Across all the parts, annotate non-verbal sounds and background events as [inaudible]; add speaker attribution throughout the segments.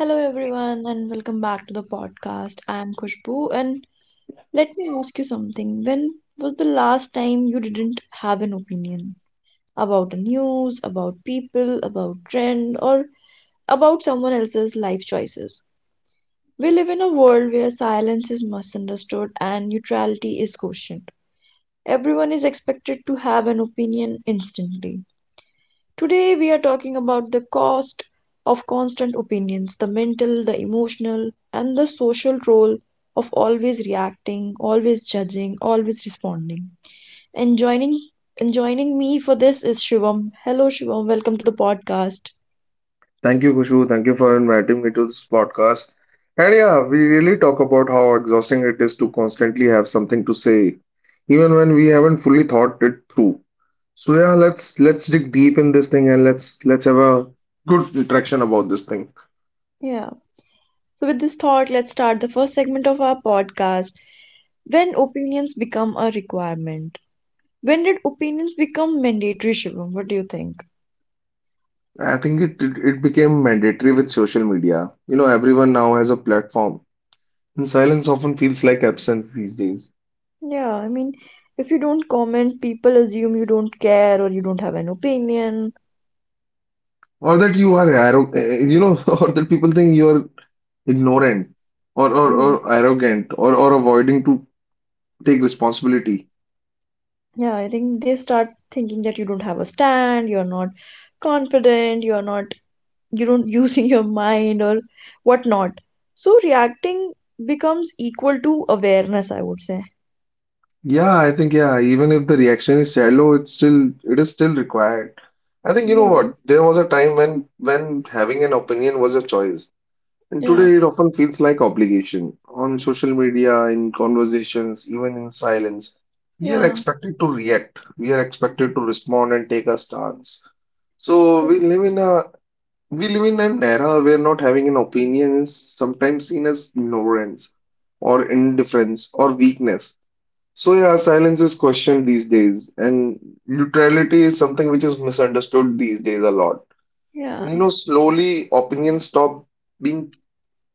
Speaker 1: Hello, everyone, and welcome back to the podcast. I am Khushbu, and let me ask you something. When was the last time you didn't have an opinion about the news, about people, about trend, or about someone else's life choices? We live in a world where silence is misunderstood and neutrality is questioned. Everyone is expected to have an opinion instantly. Today, we are talking about the cost of constant opinions, the mental, the emotional, and the social role of always reacting, always judging, always responding. And joining, and joining me for this is Shivam. Hello, Shivam. Welcome to the podcast.
Speaker 2: Thank you, Kushu. Thank you for inviting me to this podcast. And yeah, we really talk about how exhausting it is to constantly have something to say, even when we haven't fully thought it through. So yeah, let's dig deep in this thing, and let's have a good interaction about this thing.
Speaker 1: Yeah. So, with this thought, let's start the first segment of our podcast. When opinions become a requirement. When did opinions become mandatory, Shivam? What do you think?
Speaker 2: I think it became mandatory with social media. Everyone now has a platform, and silence often feels like absence these days.
Speaker 1: Yeah, I mean, if you don't comment, people assume you don't care or you don't have an opinion.
Speaker 2: Or that you are arrogant, [laughs] or that people think you are ignorant, or or,
Speaker 1: Mm.
Speaker 2: or arrogant, or avoiding to take responsibility.
Speaker 1: Yeah, I think they start thinking that you don't have a stand, you're not confident, you're not, you don't [laughs] using your mind or whatnot. So reacting becomes equal to awareness, I would say.
Speaker 2: Yeah, I think, yeah, even if the reaction is shallow, it's still, it is still required, I think. You know
Speaker 1: Yeah,
Speaker 2: what, there was a time when having an opinion was a choice, and
Speaker 1: yeah,
Speaker 2: today it often feels like obligation on social media, in conversations, even in silence. We are
Speaker 1: yeah,
Speaker 2: expected to react, we are expected to respond and take a stance. So
Speaker 1: yeah,
Speaker 2: we live in an era where not having an opinion is sometimes seen as ignorance or indifference or weakness. So, yeah, silence is questioned these days, and neutrality is something which is misunderstood these days a lot.
Speaker 1: yeah,
Speaker 2: And slowly opinions stop being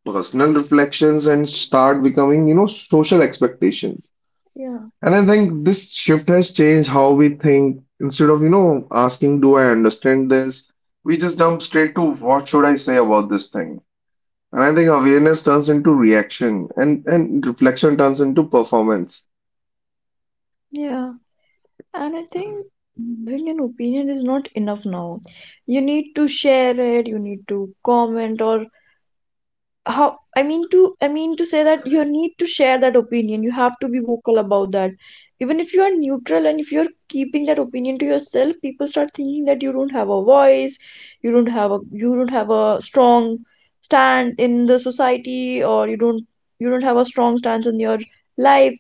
Speaker 2: personal reflections and start becoming social expectations.
Speaker 1: yeah,
Speaker 2: And I think this shift has changed how we think. Instead of asking, do I understand this? We just jump straight to, what should I say about this thing? And I think awareness turns into reaction, and reflection turns into performance.
Speaker 1: yeah. And I think having an opinion is not enough now. You need to share it, you need to comment or how. I mean to say that you need to share that opinion, you have to be vocal about that. Even if you are neutral and if you're keeping that opinion to yourself, people start thinking that you don't have a voice, you don't have a strong stand in the society, or you don't have a strong stance in your life.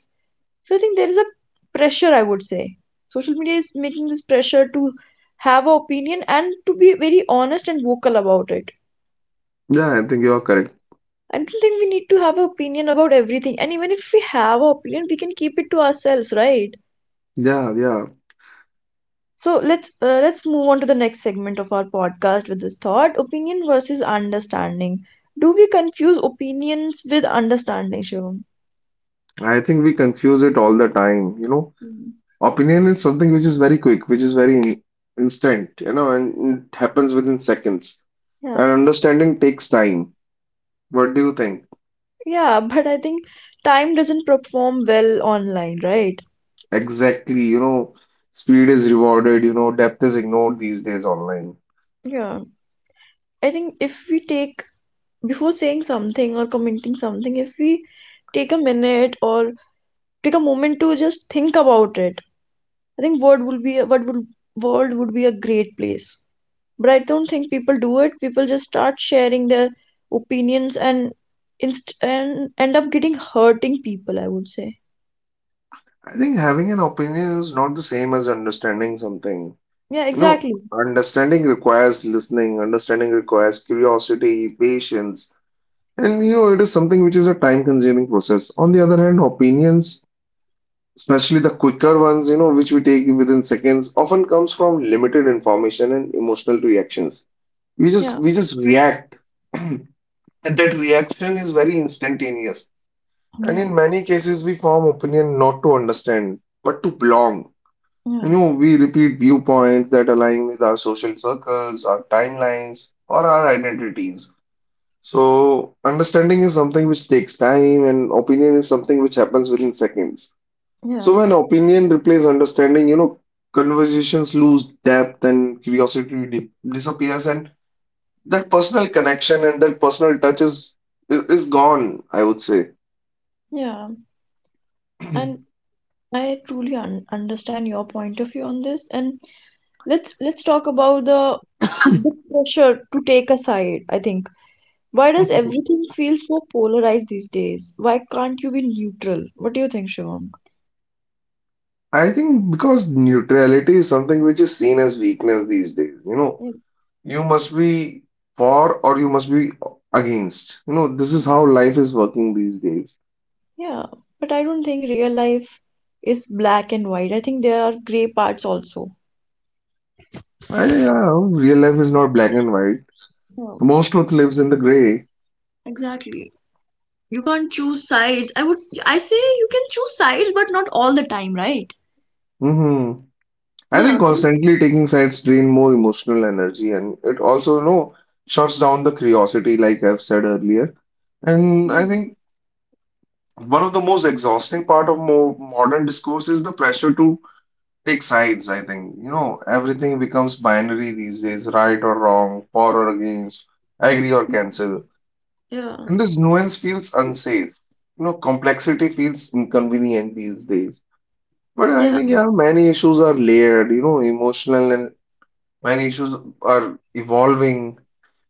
Speaker 1: So I think there is a pressure, I would say. Social media is making this pressure to have an opinion and to be very honest and vocal about it.
Speaker 2: Yeah, I think you are correct.
Speaker 1: I don't think we need to have an opinion about everything. And even if we have an opinion, we can keep it to ourselves, right?
Speaker 2: Yeah, yeah.
Speaker 1: So let's move on to the next segment of our podcast with this thought: opinion versus understanding. Do we confuse opinions with understanding, Shivam?
Speaker 2: I think we confuse it all the time.
Speaker 1: Mm.
Speaker 2: Opinion is something which is very quick, which is very instant, and it happens within seconds.
Speaker 1: Yeah,
Speaker 2: And understanding takes time. What do you think?
Speaker 1: yeah, but I think time doesn't perform well online, right?
Speaker 2: Exactly, speed is rewarded, depth is ignored these days online.
Speaker 1: Yeah, I think if we take before saying something or commenting something, if we take a minute or take a moment to just think about it, I think world would be a- what would world would be a great place. But I don't think people do it. People just start sharing their opinions and inst and end up getting hurting people, I would say.
Speaker 2: I think having an opinion is not the same as understanding something.
Speaker 1: Yeah,
Speaker 2: You know,
Speaker 1: exactly.
Speaker 2: Understanding requires listening, understanding requires curiosity, patience, and it is something which is a time-consuming process. On the other hand, opinions, especially the quicker ones, which we take within seconds, often comes from limited information and emotional reactions. We
Speaker 1: Yeah,
Speaker 2: just we just react, [clears throat] and that reaction is very instantaneous. And
Speaker 1: yeah,
Speaker 2: in many cases, we form opinion not to understand, but to belong.
Speaker 1: yeah,
Speaker 2: We repeat viewpoints that align with our social circles, our timelines, or our identities. So, understanding is something which takes time, and opinion is something which happens within seconds.
Speaker 1: yeah,
Speaker 2: So, when opinion replaces understanding, conversations lose depth and curiosity disappears, and that personal connection and that personal touch is is gone, I would say.
Speaker 1: yeah.
Speaker 2: [clears throat]
Speaker 1: And I truly un understand your point of view on this. And let's talk about the pressure to take a side, I think. Why does everything feel so polarized these days? Why can't you be neutral? What do you think, Shivam?
Speaker 2: I think because neutrality is something which is seen as weakness these days. You must be for, or you must be against. This is how life is working these days.
Speaker 1: Yeah, but I don't think real life is black and white. I think there are gray parts also.
Speaker 2: Yeah, real life is not black and white.
Speaker 1: Yeah,
Speaker 2: Most truth lives in the gray.
Speaker 1: exactly. You can't choose sides. I say you can choose sides, but not all the time, right?
Speaker 2: Hmm. I think
Speaker 1: Yeah.
Speaker 2: constantly taking sides drain more emotional energy, and it also shuts down the curiosity, like I've said earlier. And
Speaker 1: Yeah.
Speaker 2: I think one of the most exhausting part of more modern discourse is the pressure to take sides, I think. Everything becomes binary these days, right or wrong, for or against, agree or cancel.
Speaker 1: Yeah.
Speaker 2: And this nuance feels unsafe. Complexity feels inconvenient these days. But I
Speaker 1: Yeah.
Speaker 2: think, yeah, many issues are layered, emotional, and many issues are evolving.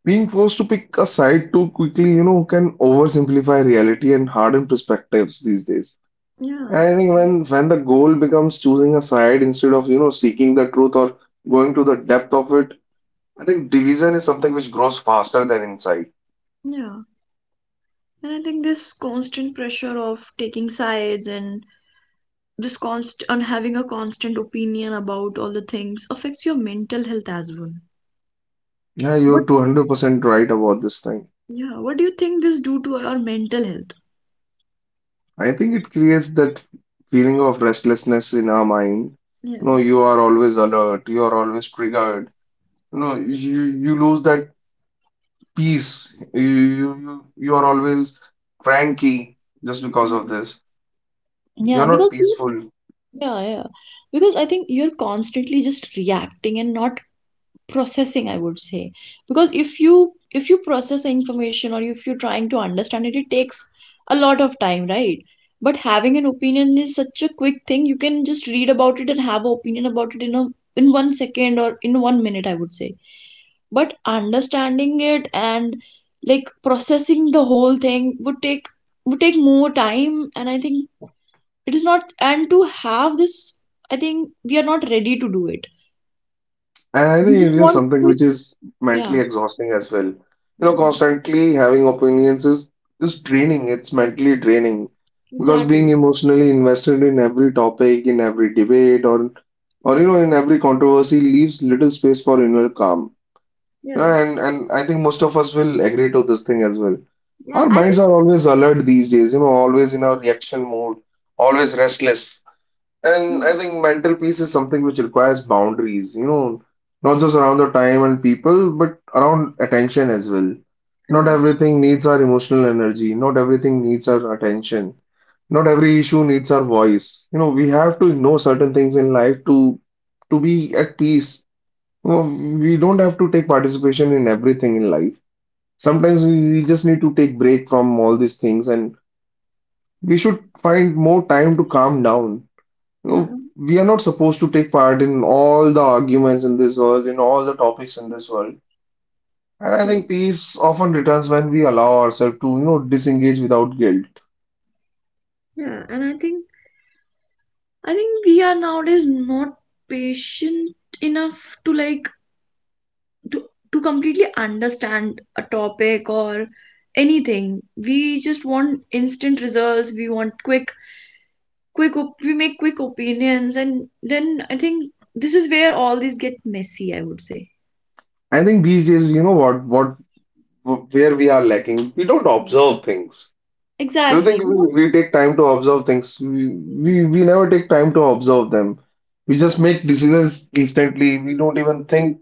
Speaker 2: Being forced to pick a side too quickly, can oversimplify reality and harden perspectives these days.
Speaker 1: Yeah.
Speaker 2: And I think when the goal becomes choosing a side instead of seeking the truth or going to the depth of it, I think division is something which grows faster than insight.
Speaker 1: Yeah. And I think this constant pressure of taking sides and this const on having a constant opinion about all the things affects your mental health as well.
Speaker 2: Yeah,
Speaker 1: What,
Speaker 2: you're 200% right about this thing.
Speaker 1: yeah, what do you think this do to our mental health?
Speaker 2: I think it creates that feeling of restlessness in our mind.
Speaker 1: Yeah.
Speaker 2: You are always alert, you are always triggered. You lose that peace. You are always cranky just because
Speaker 1: Yeah.
Speaker 2: of this.
Speaker 1: Yeah,
Speaker 2: You're not
Speaker 1: because you,
Speaker 2: peaceful.
Speaker 1: yeah, yeah, because I think you're constantly just reacting and not processing, I would say. Because if you process the information or if you're trying to understand it, it takes a lot of time, right? But having an opinion is such a quick thing. You can just read about it and have an opinion about it in a in 1 second or in 1 minute, I would say. But understanding it and like processing the whole thing would take more time, and I think it is not and to have this I think we are not ready to do it.
Speaker 2: And I
Speaker 1: We
Speaker 2: think
Speaker 1: just
Speaker 2: it is
Speaker 1: want
Speaker 2: something
Speaker 1: quick.
Speaker 2: which is
Speaker 1: Yeah.
Speaker 2: mentally exhausting as well. Constantly having opinions is draining. It's mentally draining because being
Speaker 1: Exactly.
Speaker 2: emotionally invested in every topic, in every debate, or in every controversy leaves little space for inner calm. You
Speaker 1: Yeah.
Speaker 2: know, And and I think most of us will agree to this thing as well.
Speaker 1: Yeah.
Speaker 2: Our
Speaker 1: I
Speaker 2: minds
Speaker 1: think.
Speaker 2: are always alert these days. Always in our reaction mode, always restless. And
Speaker 1: Mm.
Speaker 2: I think mental peace is something which requires boundaries, not just around the time and people, but around attention as well. Not
Speaker 1: Yeah.
Speaker 2: everything needs our emotional energy, not everything needs our attention, not every issue needs our voice. We have to ignore certain things in life to be at peace. We don't have to take participation in everything in life. Sometimes we just need to take break from all these things, and we should find more time to calm down.
Speaker 1: Yeah.
Speaker 2: We are not supposed to take part in all the arguments in this world, in all the topics in this world. And I
Speaker 1: Yeah.
Speaker 2: think peace often returns when we allow ourselves to disengage without guilt.
Speaker 1: Yeah. And I think. I think we are nowadays not patient enough to like to to completely understand a topic or anything. We just want instant results. We want we make quick opinions, and then I think this is where all these get messy, I would say.
Speaker 2: I think these days, you know what, where we are lacking, we don't observe things. Do you
Speaker 1: Exactly,
Speaker 2: think
Speaker 1: we don't.
Speaker 2: we take time to observe things? We never take time to observe them. We just
Speaker 1: Yeah.
Speaker 2: make decisions instantly. We don't even think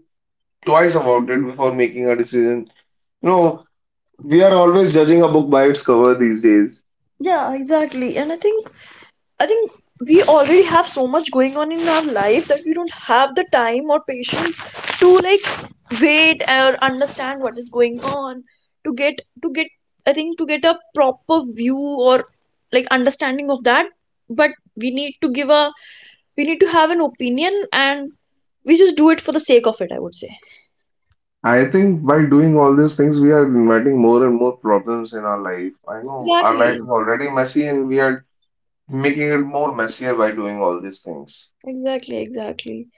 Speaker 2: twice about it before making a decision. You know, we are always judging a book by its cover these days.
Speaker 1: Yeah, exactly. And I think we already have so much going on in our life that we don't have the time or patience to like wait or understand what is going on to get to get I think to get a proper view or like understanding of that. But we need to give a we need to have an opinion, and we just do it for the sake of it, I would say.
Speaker 2: I think by doing all these things, we are inviting more and more problems in our life. I know our life is
Speaker 1: Exactly,
Speaker 2: already messy, and we are making it more messier by doing all these things.
Speaker 1: exactly.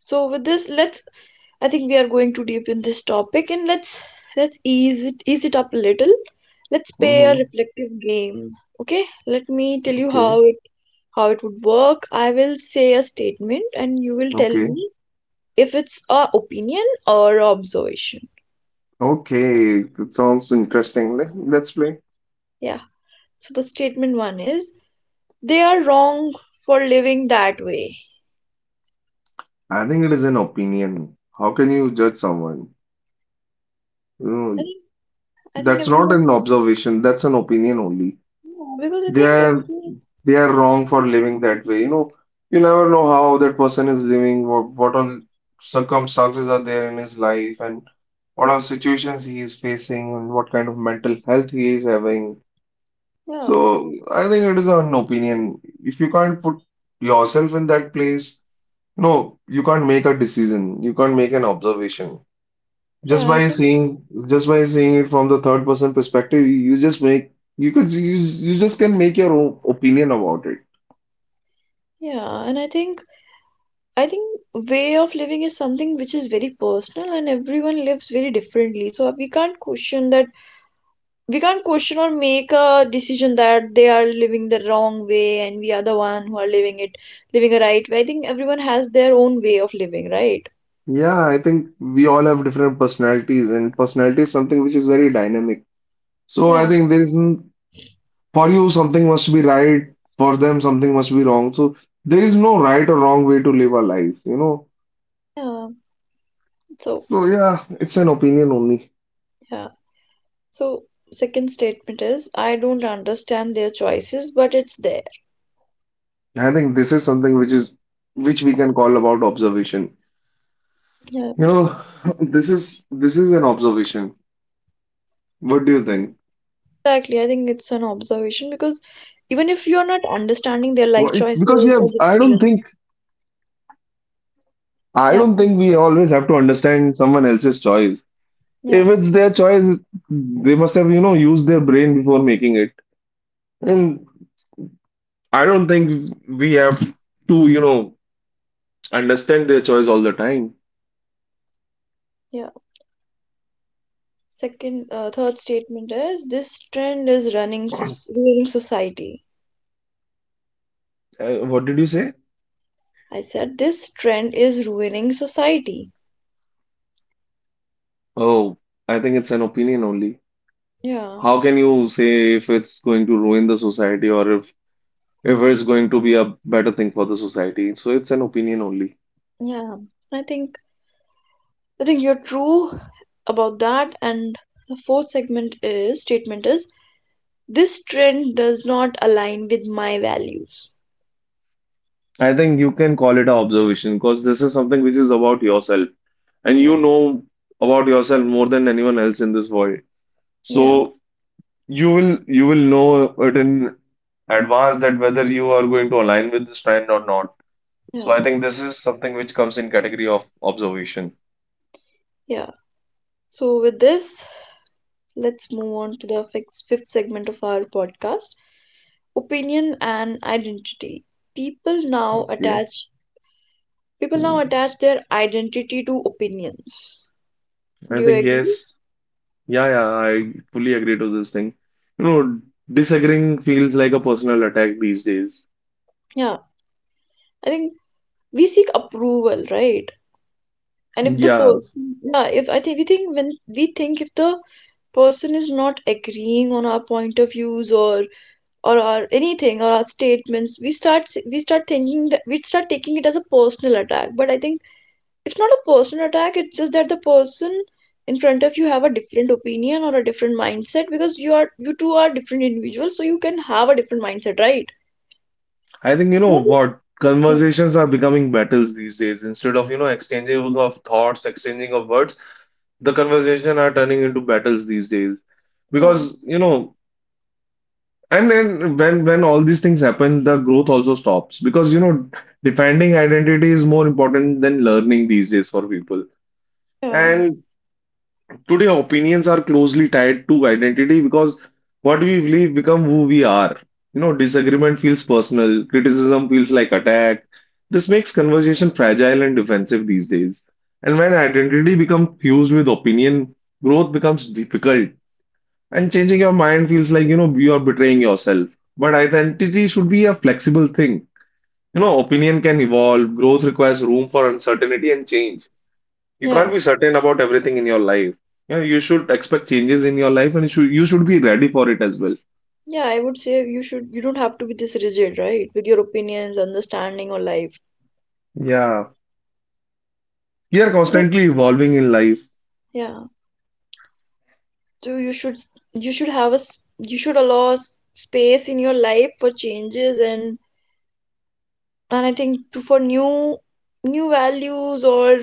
Speaker 1: So with this, let's, I think we are going too deep in this topic, and let's ease it up a little. Let's play a
Speaker 2: Hmm.
Speaker 1: reflective game. Okay? Let me tell you
Speaker 2: Okay.
Speaker 1: how it would work. I will say a statement, and you will tell
Speaker 2: Okay.
Speaker 1: me if it's a opinion or a observation.
Speaker 2: Okay. It sounds interesting. Let's play.
Speaker 1: Yeah. So the statement one is they are wrong for living that way.
Speaker 2: I think it is an opinion. How can you judge someone? You know,
Speaker 1: And I think
Speaker 2: that's not
Speaker 1: everyone,
Speaker 2: an observation. That's an opinion only.
Speaker 1: yeah, because I
Speaker 2: They
Speaker 1: think,
Speaker 2: are
Speaker 1: every-,
Speaker 2: they are wrong for living that way. You never know how that person is living, what all circumstances are there in his life, and what are situations he is facing, and what kind of mental health he is having.
Speaker 1: yeah,
Speaker 2: So I think it is an opinion. If you can't put yourself in that place, no, you can't make a decision. You can't make an observation.
Speaker 1: yeah, I think,
Speaker 2: Just by seeing it from the third person perspective, you just can make your own opinion about it.
Speaker 1: yeah, and I think way of living is something which is very personal and everyone lives very differently. So we can't question that, we can't question or make a decision that they are living the wrong way and we are the one who are living it, living a right way. I think everyone has their own way of living, right?
Speaker 2: Yeah, I think we all have different personalities, and personality is something which is very dynamic. So I
Speaker 1: Yeah,
Speaker 2: think there isn't, for you something must be right, for them something must be wrong. So there is no right or wrong way to live our life.
Speaker 1: yeah. So,
Speaker 2: So yeah, it's an opinion only.
Speaker 1: yeah. So, second statement is, I don't understand their choices, but it's there.
Speaker 2: I think this is something which is which we can call about observation.
Speaker 1: Yeah.
Speaker 2: You know, [laughs] this is an observation. What do you think?
Speaker 1: Exactly, I think it's an observation because even if you're not understanding their life
Speaker 2: Because
Speaker 1: choices
Speaker 2: yeah,
Speaker 1: or
Speaker 2: I don't
Speaker 1: decisions.
Speaker 2: think I
Speaker 1: Yeah,
Speaker 2: don't think
Speaker 1: please.
Speaker 2: we always have to understand someone else's choice.
Speaker 1: Yeah,
Speaker 2: If it's their choice, they must have used their brain before making it. And I don't think we have to understand their choice all the time.
Speaker 1: yeah. Second, third statement is this trend is running so ruining society.
Speaker 2: What did you say?
Speaker 1: I said this trend is ruining society.
Speaker 2: Oh, I think it's an opinion only.
Speaker 1: Yeah,
Speaker 2: How can you say if it's going to ruin the society, or if it's going to be a better thing for the society? So it's an opinion only.
Speaker 1: yeah. I think, I think you're true about that. And the fourth segment is statement is this trend does not align with my values.
Speaker 2: I think you can call it an observation because this is something which is about yourself, and
Speaker 1: Yeah,
Speaker 2: you know about yourself more than anyone else in this world.
Speaker 1: yeah,
Speaker 2: So you will you will know it in advance that whether you are going to align with this trend or not. So
Speaker 1: yeah,
Speaker 2: I think this is something which comes in category of observation.
Speaker 1: yeah. So with this, let's move on to the fifth segment of our podcast, opinion and identity. People now
Speaker 2: Okay.
Speaker 1: attach people now
Speaker 2: Hmm.
Speaker 1: attach their identity to opinions.
Speaker 2: I
Speaker 1: Do you
Speaker 2: think
Speaker 1: agree?
Speaker 2: yes. Yeah, yeah, I fully agree to this thing. You know, Disagreeing feels like a personal attack these days.
Speaker 1: Yeah, I think we seek approval, right? And if the
Speaker 2: Yeah,
Speaker 1: person, yeah, if I think we think when we think if the person is not agreeing on our point of views or our anything or our statements, we start thinking that we start taking it as a personal attack. But I think it's not a personal attack, it's just that the person in front of you have a different opinion or a different mindset because you two are different individuals, so you can have a different mindset, right?
Speaker 2: I think you know
Speaker 1: That is,
Speaker 2: what,
Speaker 1: yeah,
Speaker 2: conversations are becoming battles these days. Instead of exchanging of thoughts, exchanging of words, the conversation are turning into battles these days.
Speaker 1: yeah,
Speaker 2: Because you know And then when all these things happen, the growth also stops because defending identity is more important than learning these days for people.
Speaker 1: yeah,
Speaker 2: And today opinions are closely tied to identity because what we believe become who we are. Disagreement feels personal, criticism feels like attack. This makes conversation fragile and defensive these days. And when identity becomes fused with opinion, growth becomes difficult and changing your mind feels like, you know, you are betraying yourself. But identity should be a flexible thing. You know, opinion can evolve, growth requires room for uncertainty and change. You
Speaker 1: yeah.
Speaker 2: can't be certain about everything in your life. You know, you should expect changes in your life and you should be ready for it as well.
Speaker 1: Yeah, I would say you should, you don't have to be this rigid, right, with your opinions, understanding, or life.
Speaker 2: Yeah. We are
Speaker 1: So
Speaker 2: constantly evolving in life.
Speaker 1: yeah, so you should have you should allow space in your life for changes and I think to for new new values or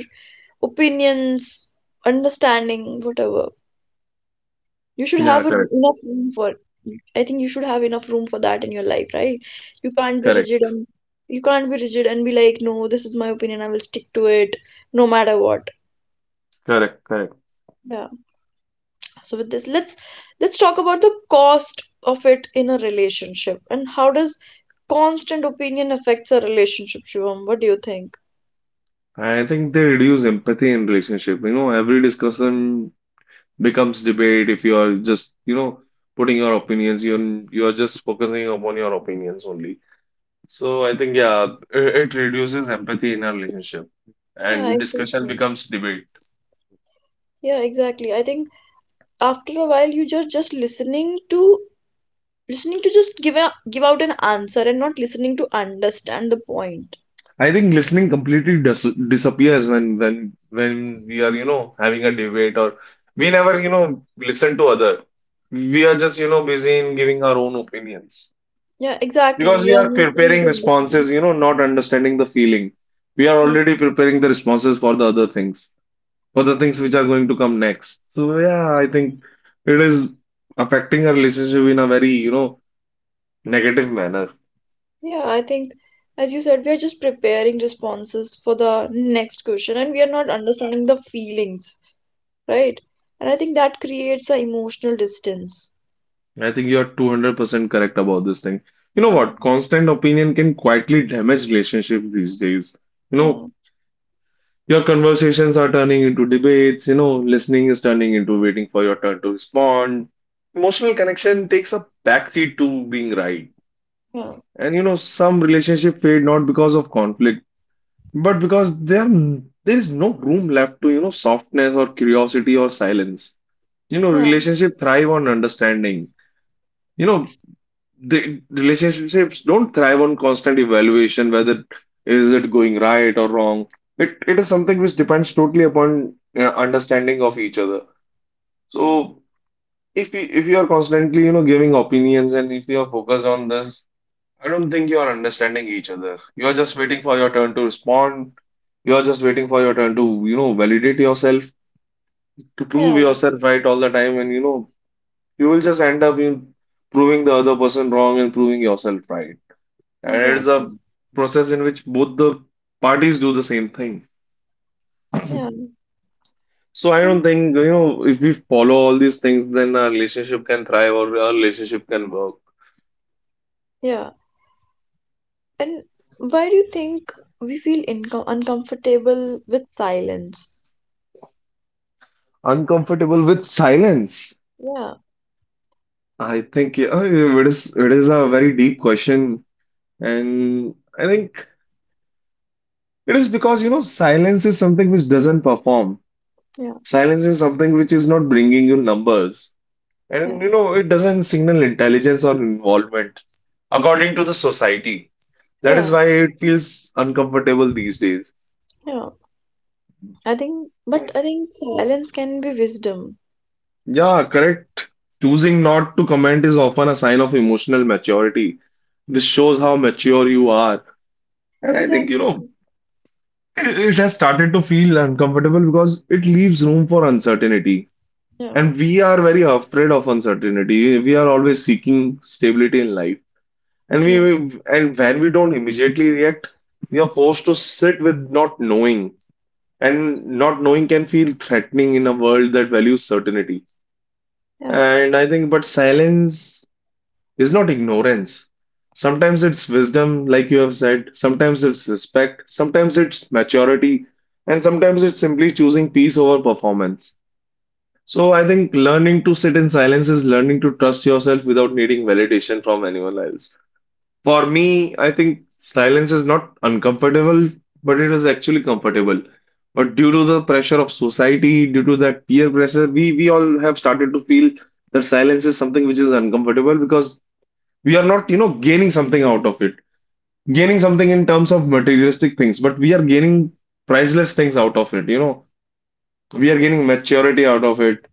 Speaker 1: opinions, understanding, whatever. You should
Speaker 2: Yeah,
Speaker 1: have a,
Speaker 2: correct,
Speaker 1: enough room for. I think you should have enough room for that in your life, right? You can't be rigid,
Speaker 2: correct,
Speaker 1: and you can't be rigid and be like, no, this is my opinion. I will stick to it, no matter what.
Speaker 2: correct, correct.
Speaker 1: Yeah. So with this, let's talk about the cost of it in a relationship and how does constant opinion affects a relationship, Shivam? What do you think?
Speaker 2: I think they reduce empathy in relationship. You know, every discussion becomes debate if you are just, you know, putting your opinions, you are just focusing upon your opinions only. So I think yeah, it reduces empathy in a relationship
Speaker 1: Yeah,
Speaker 2: and discussion
Speaker 1: exactly.
Speaker 2: becomes debate.
Speaker 1: Yeah, exactly. I think after a while you just just listening to just give a give out an answer and not listening to understand the point.
Speaker 2: I think listening completely disappears when we are, you know, having a debate or we never, you know, listen to other. We are just, you know, busy in giving our own opinions
Speaker 1: Yeah, exactly,
Speaker 2: because
Speaker 1: you
Speaker 2: we
Speaker 1: are
Speaker 2: are
Speaker 1: not trying
Speaker 2: preparing
Speaker 1: to understand.
Speaker 2: responses, you know, not understanding the feeling. We are already preparing the responses for the other things, for the things which
Speaker 1: Exactly.
Speaker 2: are going to come next. So yeah, I think it is affecting our relationship in a very, you know, negative manner.
Speaker 1: Yeah, I think as you said, we are just preparing responses for the next question and we are not understanding the feelings, right? And I think that creates an emotional distance.
Speaker 2: I think you are 200% correct about this thing. You know
Speaker 1: Yeah,
Speaker 2: what? Constant opinion can quietly damage relationships these days. You know,
Speaker 1: yeah,
Speaker 2: your conversations are turning into debates, you know, listening is turning into waiting for your turn to respond. Emotional connection takes a backseat to being right.
Speaker 1: yeah,
Speaker 2: And you know, some relationship fade not because of conflict, but because there is no room left to, you know, softness or curiosity or silence. You know,
Speaker 1: yeah,
Speaker 2: relationship thrive on understanding. You know, the relationships don't thrive on constant evaluation, whether is it going right or wrong. It is something which depends totally upon understanding of each other. So if you are constantly, you know, giving opinions and if you are focused on this, I don't think you are understanding each other. You are just waiting for your turn to respond. You are just waiting for your turn to, you know, validate yourself, to
Speaker 1: yeah,
Speaker 2: prove yourself right all the time. And, you know, you will just end up in proving the other person wrong and proving yourself right. And it's
Speaker 1: exactly,
Speaker 2: a process in which both the parties do the same thing.
Speaker 1: yeah.
Speaker 2: So I
Speaker 1: And
Speaker 2: don't think, you know, if we follow all these things, then our relationship can thrive or our relationship can work.
Speaker 1: yeah, and why do you think we feel uncomfortable with silence?
Speaker 2: Uncomfortable with silence.
Speaker 1: Yeah,
Speaker 2: I think yeah, it is a very deep question. And I think it is because, you know, silence is something which doesn't perform.
Speaker 1: yeah.
Speaker 2: Silence is something which is not bringing you numbers.
Speaker 1: Yeah,
Speaker 2: And, you know, it doesn't signal intelligence or involvement according to the society. That is
Speaker 1: yeah,
Speaker 2: why it feels uncomfortable these days.
Speaker 1: yeah. I think, but I think silence can be wisdom.
Speaker 2: Yeah, correct. Choosing not to comment is often a sign of emotional maturity. This shows
Speaker 1: Yeah,
Speaker 2: how mature you are. And I think, you know,
Speaker 1: exactly.
Speaker 2: it has started to feel uncomfortable because it leaves room for uncertainty.
Speaker 1: Yeah,
Speaker 2: And we are very afraid of uncertainty. We are always seeking stability in life. And
Speaker 1: yeah,
Speaker 2: when we don't immediately react, we are forced to sit with not knowing. And not knowing can feel threatening in a world that values certainty.
Speaker 1: yeah.
Speaker 2: And I think, but silence is not ignorance. Sometimes it's wisdom, like you have said. Sometimes it's respect. Sometimes it's maturity. And sometimes it's simply choosing peace over performance. So I think learning to sit in silence is learning to trust yourself without needing validation from anyone else. For me, I think silence is not uncomfortable, but it is actually comfortable. But due to the pressure of society, due to that peer pressure, we all have started to feel that silence is something which is uncomfortable because we are not, you know, gaining something out of it. Gaining something in terms of materialistic things, but we are gaining priceless things out of it, you know. We are gaining maturity out of it,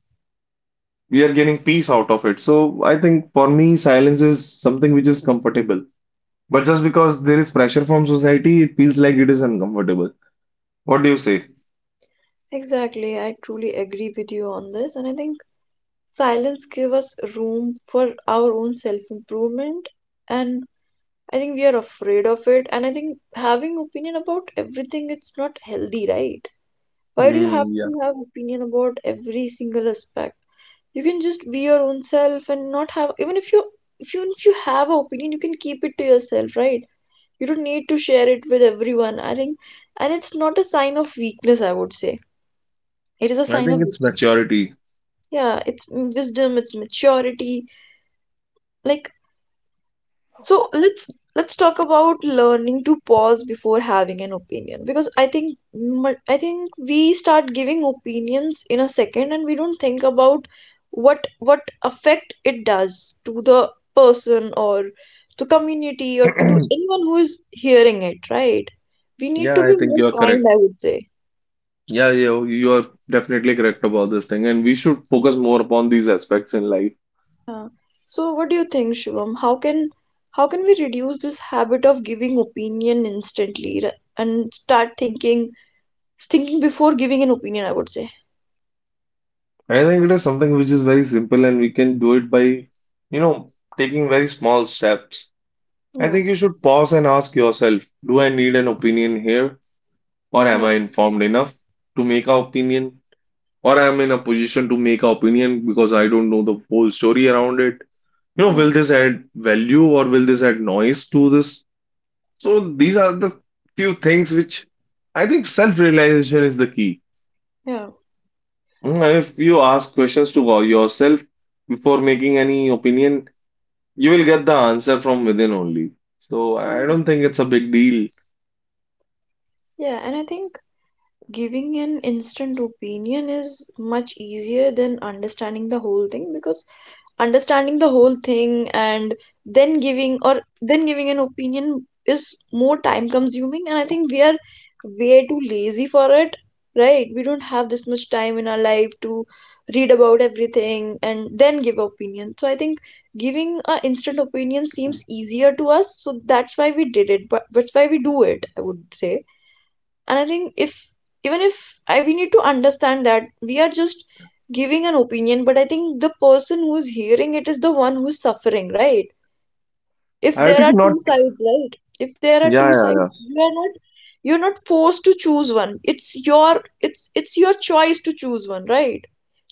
Speaker 2: we are getting peace out of it. So I think for me, silence is something which is comfortable. But just because there is pressure from society, it feels like it is uncomfortable. What do you say?
Speaker 1: Exactly. I truly agree with you on this, and I think silence give us room for our own self-improvement, and I think we are afraid of it. And I think having opinion about everything, it's not healthy, right? Why do you have
Speaker 2: Hmm, yeah,
Speaker 1: to have opinion about every single aspect? You can just be your own self and not have, even if you have an opinion, you can keep it to yourself, right? You don't need to share it with everyone. I think and it's not a sign of weakness, I would say. It is a
Speaker 2: I
Speaker 1: sign
Speaker 2: think
Speaker 1: of
Speaker 2: it's
Speaker 1: wisdom.
Speaker 2: maturity.
Speaker 1: Yeah, wisdom, it's maturity. Like so let's let's talk about learning to pause before having an opinion, because I think we start giving opinions in a second and we don't think about what effect it does to the person, or to community, or to
Speaker 2: [clears throat]
Speaker 1: anyone who is hearing it, right? We need
Speaker 2: Yeah,
Speaker 1: to
Speaker 2: I
Speaker 1: be
Speaker 2: think
Speaker 1: more
Speaker 2: you are correct.
Speaker 1: kind, I would say.
Speaker 2: Yeah, yeah, you are definitely correct about this thing, and we should focus more upon these aspects in life.
Speaker 1: Yeah. So what do you think, Shivam? How can we reduce this habit of giving opinion instantly, and start thinking before giving an opinion, I would say?
Speaker 2: I think it is something which is very simple, and we can do it by, you know, taking very small steps. I
Speaker 1: Yeah.
Speaker 2: think you should pause and ask yourself, do I need an opinion here? Or am
Speaker 1: Yeah.
Speaker 2: I informed enough to make an opinion, or am I in a position to make an opinion because I don't know the whole story around it? You know,
Speaker 1: Yeah.
Speaker 2: will this add value or will this add noise to this? So these are the few things which, I think self-realization is the key.
Speaker 1: Yeah.
Speaker 2: Mm, if you ask questions to yourself before making any opinion, you will get the answer from within only. So I
Speaker 1: Yeah.
Speaker 2: don't think it's a big deal.
Speaker 1: Yeah, and I think giving an instant opinion is much easier than understanding the whole thing, because understanding the whole thing and then giving an opinion is more time consuming, and I think we are way too lazy for it. Right, we don't have this much time in our life to read about everything and then give opinion, so I think giving a instant opinion seems easier to us, so that's why we do it, I would say. And I think if even if I we need to understand that we are just giving an opinion, but I think the person who's hearing it is the one who's suffering, right? If
Speaker 2: I
Speaker 1: there
Speaker 2: think
Speaker 1: are
Speaker 2: not.
Speaker 1: two sides, right? If there are
Speaker 2: Yeah,
Speaker 1: two
Speaker 2: yeah, yeah.
Speaker 1: sides, you are not forced to choose one. It's your choice to choose one, right?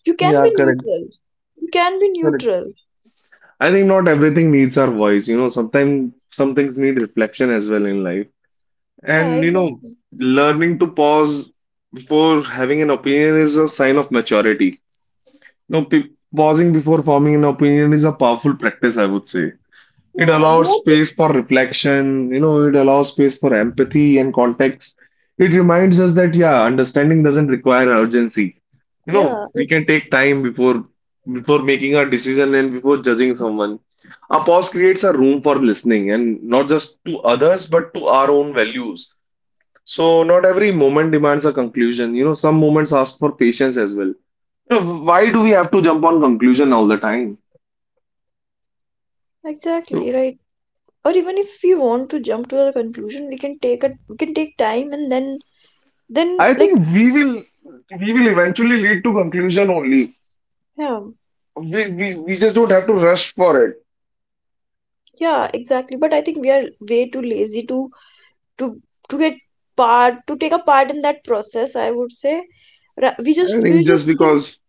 Speaker 1: You can
Speaker 2: Yeah,
Speaker 1: be
Speaker 2: correct,
Speaker 1: neutral. You can be
Speaker 2: correct.
Speaker 1: neutral.
Speaker 2: I think not everything needs our voice. You know, sometimes some things need reflection as well in life.
Speaker 1: Yeah,
Speaker 2: And, you know,
Speaker 1: exactly.
Speaker 2: learning to pause before having an opinion is a sign of maturity. You know, pe- Pausing before forming an opinion is a powerful practice, I would say. It
Speaker 1: Yeah, we
Speaker 2: allows
Speaker 1: are just
Speaker 2: space for reflection, you know, it allows space for empathy and context. It reminds us that, yeah, understanding doesn't require urgency. You know,
Speaker 1: yeah,
Speaker 2: we can take time before making a decision and before judging someone. A pause creates a room for listening and not just to others, but to our own values. So not every moment demands a conclusion. You know, some moments ask for patience as well. You know, why do we have to jump on conclusion all the time?
Speaker 1: exactly, right? Or even if we want to jump to a conclusion, we can take a we can take time and then,
Speaker 2: I think
Speaker 1: like
Speaker 2: we will eventually lead to conclusion only.
Speaker 1: yeah.
Speaker 2: We just don't have to rush for it.
Speaker 1: Yeah, exactly, but I think we are way too lazy to to get part to take a part in that process, I would say. We
Speaker 2: I
Speaker 1: just we
Speaker 2: think just
Speaker 1: just think
Speaker 2: because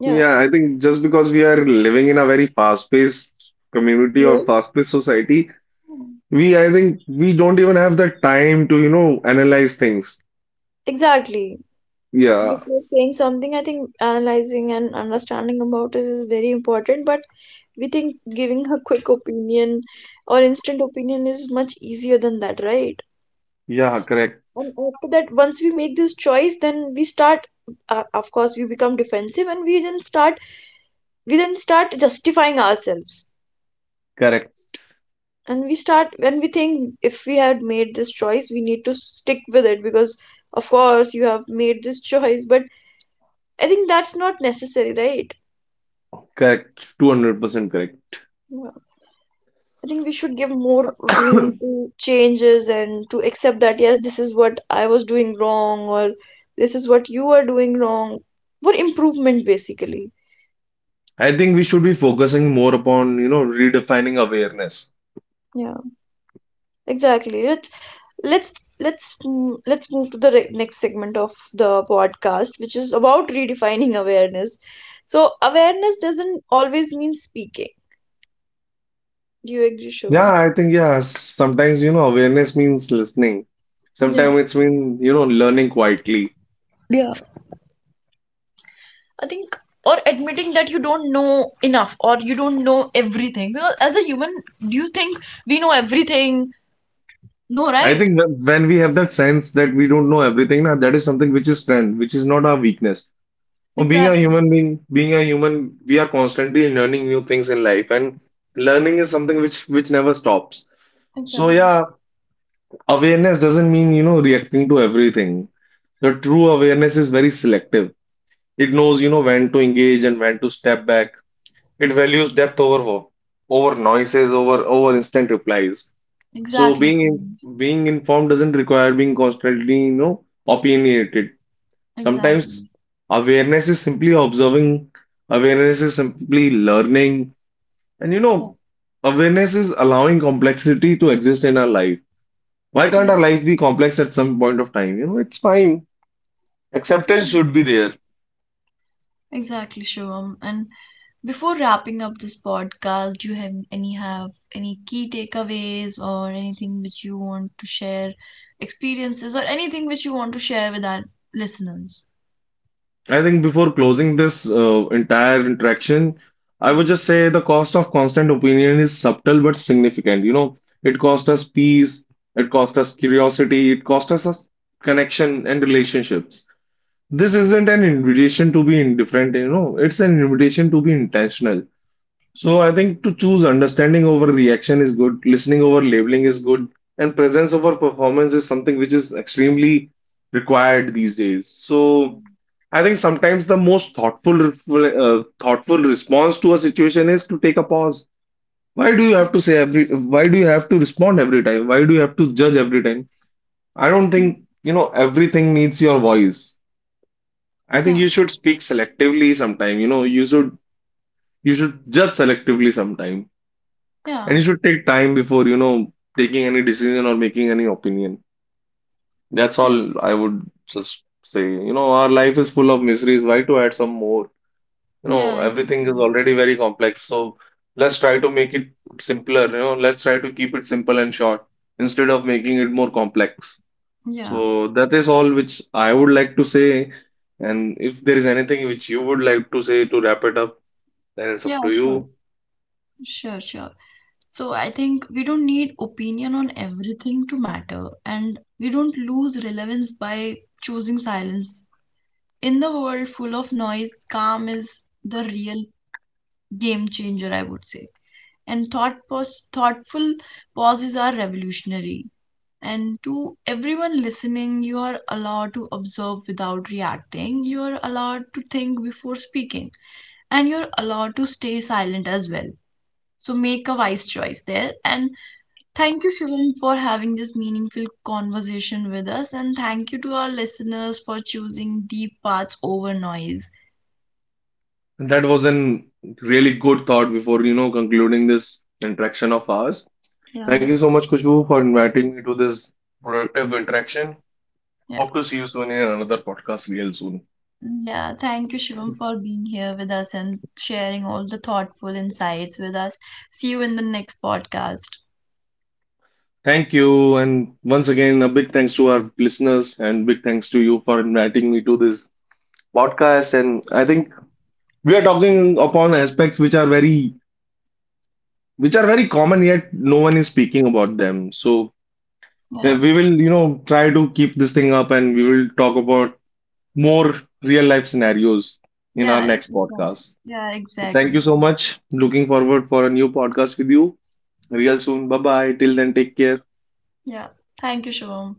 Speaker 1: yeah,
Speaker 2: Yeah, I think just because we are living in a very fast-paced community or
Speaker 1: yeah,
Speaker 2: fast-paced society, we I think we don't even have the time to, you know, analyze things.
Speaker 1: exactly.
Speaker 2: Yeah.
Speaker 1: Before saying something, I think analyzing and understanding about it is very important. But we think giving a quick opinion or instant opinion is much easier than that, right?
Speaker 2: Yeah, correct.
Speaker 1: And after that, once we make this choice, then we start, of course, we become defensive, and we then start justifying ourselves.
Speaker 2: Correct.
Speaker 1: And we start, when we think if we had made this choice, we need to stick with it because of course you have made this [laughs] choice, but I think that's not necessary, right?
Speaker 2: Correct. 200% correct.
Speaker 1: Yeah. I think we should give more room to changes and to accept that, yes, this is what I was doing wrong, or this is what you are doing wrong, for improvement basically.
Speaker 2: I think we should be focusing more upon, you know, redefining awareness.
Speaker 1: Yeah. Exactly. Let's let's move to the next segment of the podcast, which is about redefining awareness. So awareness doesn't always mean speaking. Do you agree,
Speaker 2: Yeah,
Speaker 1: Shivam?
Speaker 2: I think yeah. Sometimes you know awareness means listening.
Speaker 1: Yeah,
Speaker 2: Sometimes it's mean you know learning quietly.
Speaker 1: yeah, I think, or admitting that you don't know enough, or you don't know everything. Because as a human, do you think we know everything? No,
Speaker 2: I
Speaker 1: right?
Speaker 2: think that when we have that sense that we don't know everything, now that is something which is strength, which is not our weakness. Or being a
Speaker 1: Exactly.
Speaker 2: human being, being a human, we are constantly learning new things in life, and learning is something which never stops. So
Speaker 1: Exactly.
Speaker 2: yeah, awareness doesn't mean you know reacting to everything. The true awareness is very selective. It knows you know when to engage and when to step back. It values depth over over noises, over instant replies. So
Speaker 1: Exactly. Simi.
Speaker 2: being informed doesn't require being constantly, you know, opinionated.
Speaker 1: Exactly.
Speaker 2: Sometimes awareness is simply observing, awareness is simply learning, and you know,
Speaker 1: Yeah.
Speaker 2: awareness is allowing complexity to exist in our life. Why can't
Speaker 1: Yeah.
Speaker 2: our life be complex at some point of time? You know, it's fine.
Speaker 1: Yeah.
Speaker 2: Acceptance should be there.
Speaker 1: Exactly, Shivam. And before wrapping up this podcast, do you have any key takeaways or anything which you want to share, experiences or anything which you want to share with our listeners?
Speaker 2: I think before closing this entire interaction, I
Speaker 1: Yeah.
Speaker 2: would just say the cost of constant opinion is subtle but significant. You know, it cost us peace, it cost us curiosity, it cost us connection and relationships. This isn't an invitation to be indifferent, you know, it's an invitation to be intentional. So I think to choose understanding over reaction is good, listening over labeling is good, and presence over performance is something which is extremely required these days. So I think sometimes the most thoughtful response to a situation is to take a pause. Why do you have to respond every time? Why do you have to judge every time? I don't think, you know, everything needs your voice. I think
Speaker 1: Yeah.
Speaker 2: you should speak selectively sometime, you know, you should judge selectively sometime.
Speaker 1: Yeah.
Speaker 2: And you should take time before, you know, taking any decision or making any opinion. That's
Speaker 1: Yeah.
Speaker 2: all I would just say. You know, our life is full of mysteries. Why to add some more? You know,
Speaker 1: Yeah,
Speaker 2: everything
Speaker 1: exactly.
Speaker 2: is already very complex. So let's try to make it simpler. You know, let's try to keep it simple and short instead of making it more complex.
Speaker 1: Yeah.
Speaker 2: So that is all which I would like to say. And if there is anything which you would like to say to wrap it up, then it's
Speaker 1: Yeah,
Speaker 2: up to
Speaker 1: sure.
Speaker 2: you.
Speaker 1: Sure, sure. So I think we don't need opinion on everything to matter, and we don't lose relevance by choosing silence. In the world full of noise, calm is the real game changer, I would say. And thoughtful pauses are revolutionary. And to everyone listening, you are allowed to observe without reacting. You are allowed to think before speaking. And you're allowed to stay silent as well. So make a wise choice there. And thank you, Shivam, for having this meaningful conversation with us. And thank you to our listeners for choosing deep paths over noise.
Speaker 2: That was a really good thought before, you know, concluding this interaction of ours.
Speaker 1: Yeah.
Speaker 2: Thank you so much, Kushbu, for inviting me to this productive interaction.
Speaker 1: Yeah,
Speaker 2: Hope to see you soon in another podcast real soon.
Speaker 1: yeah. Thank you, Shivam, for being here with us and sharing all the thoughtful insights with us. See you in the next podcast.
Speaker 2: Thank you, and once again, a big thanks to our listeners and big thanks to you for inviting me to this podcast. And I think we are talking upon aspects which are very common, yet no one is speaking about them. So
Speaker 1: Yeah,
Speaker 2: we will, you know, try to keep this thing up, and we will talk about more real life scenarios in our
Speaker 1: yeah,
Speaker 2: next
Speaker 1: exactly.
Speaker 2: podcast.
Speaker 1: Yeah,
Speaker 2: So thank you
Speaker 1: exactly.
Speaker 2: so much. Looking forward for a new podcast with you real soon. Bye bye. Till then, take care.
Speaker 1: Yeah. Thank you, Shivam.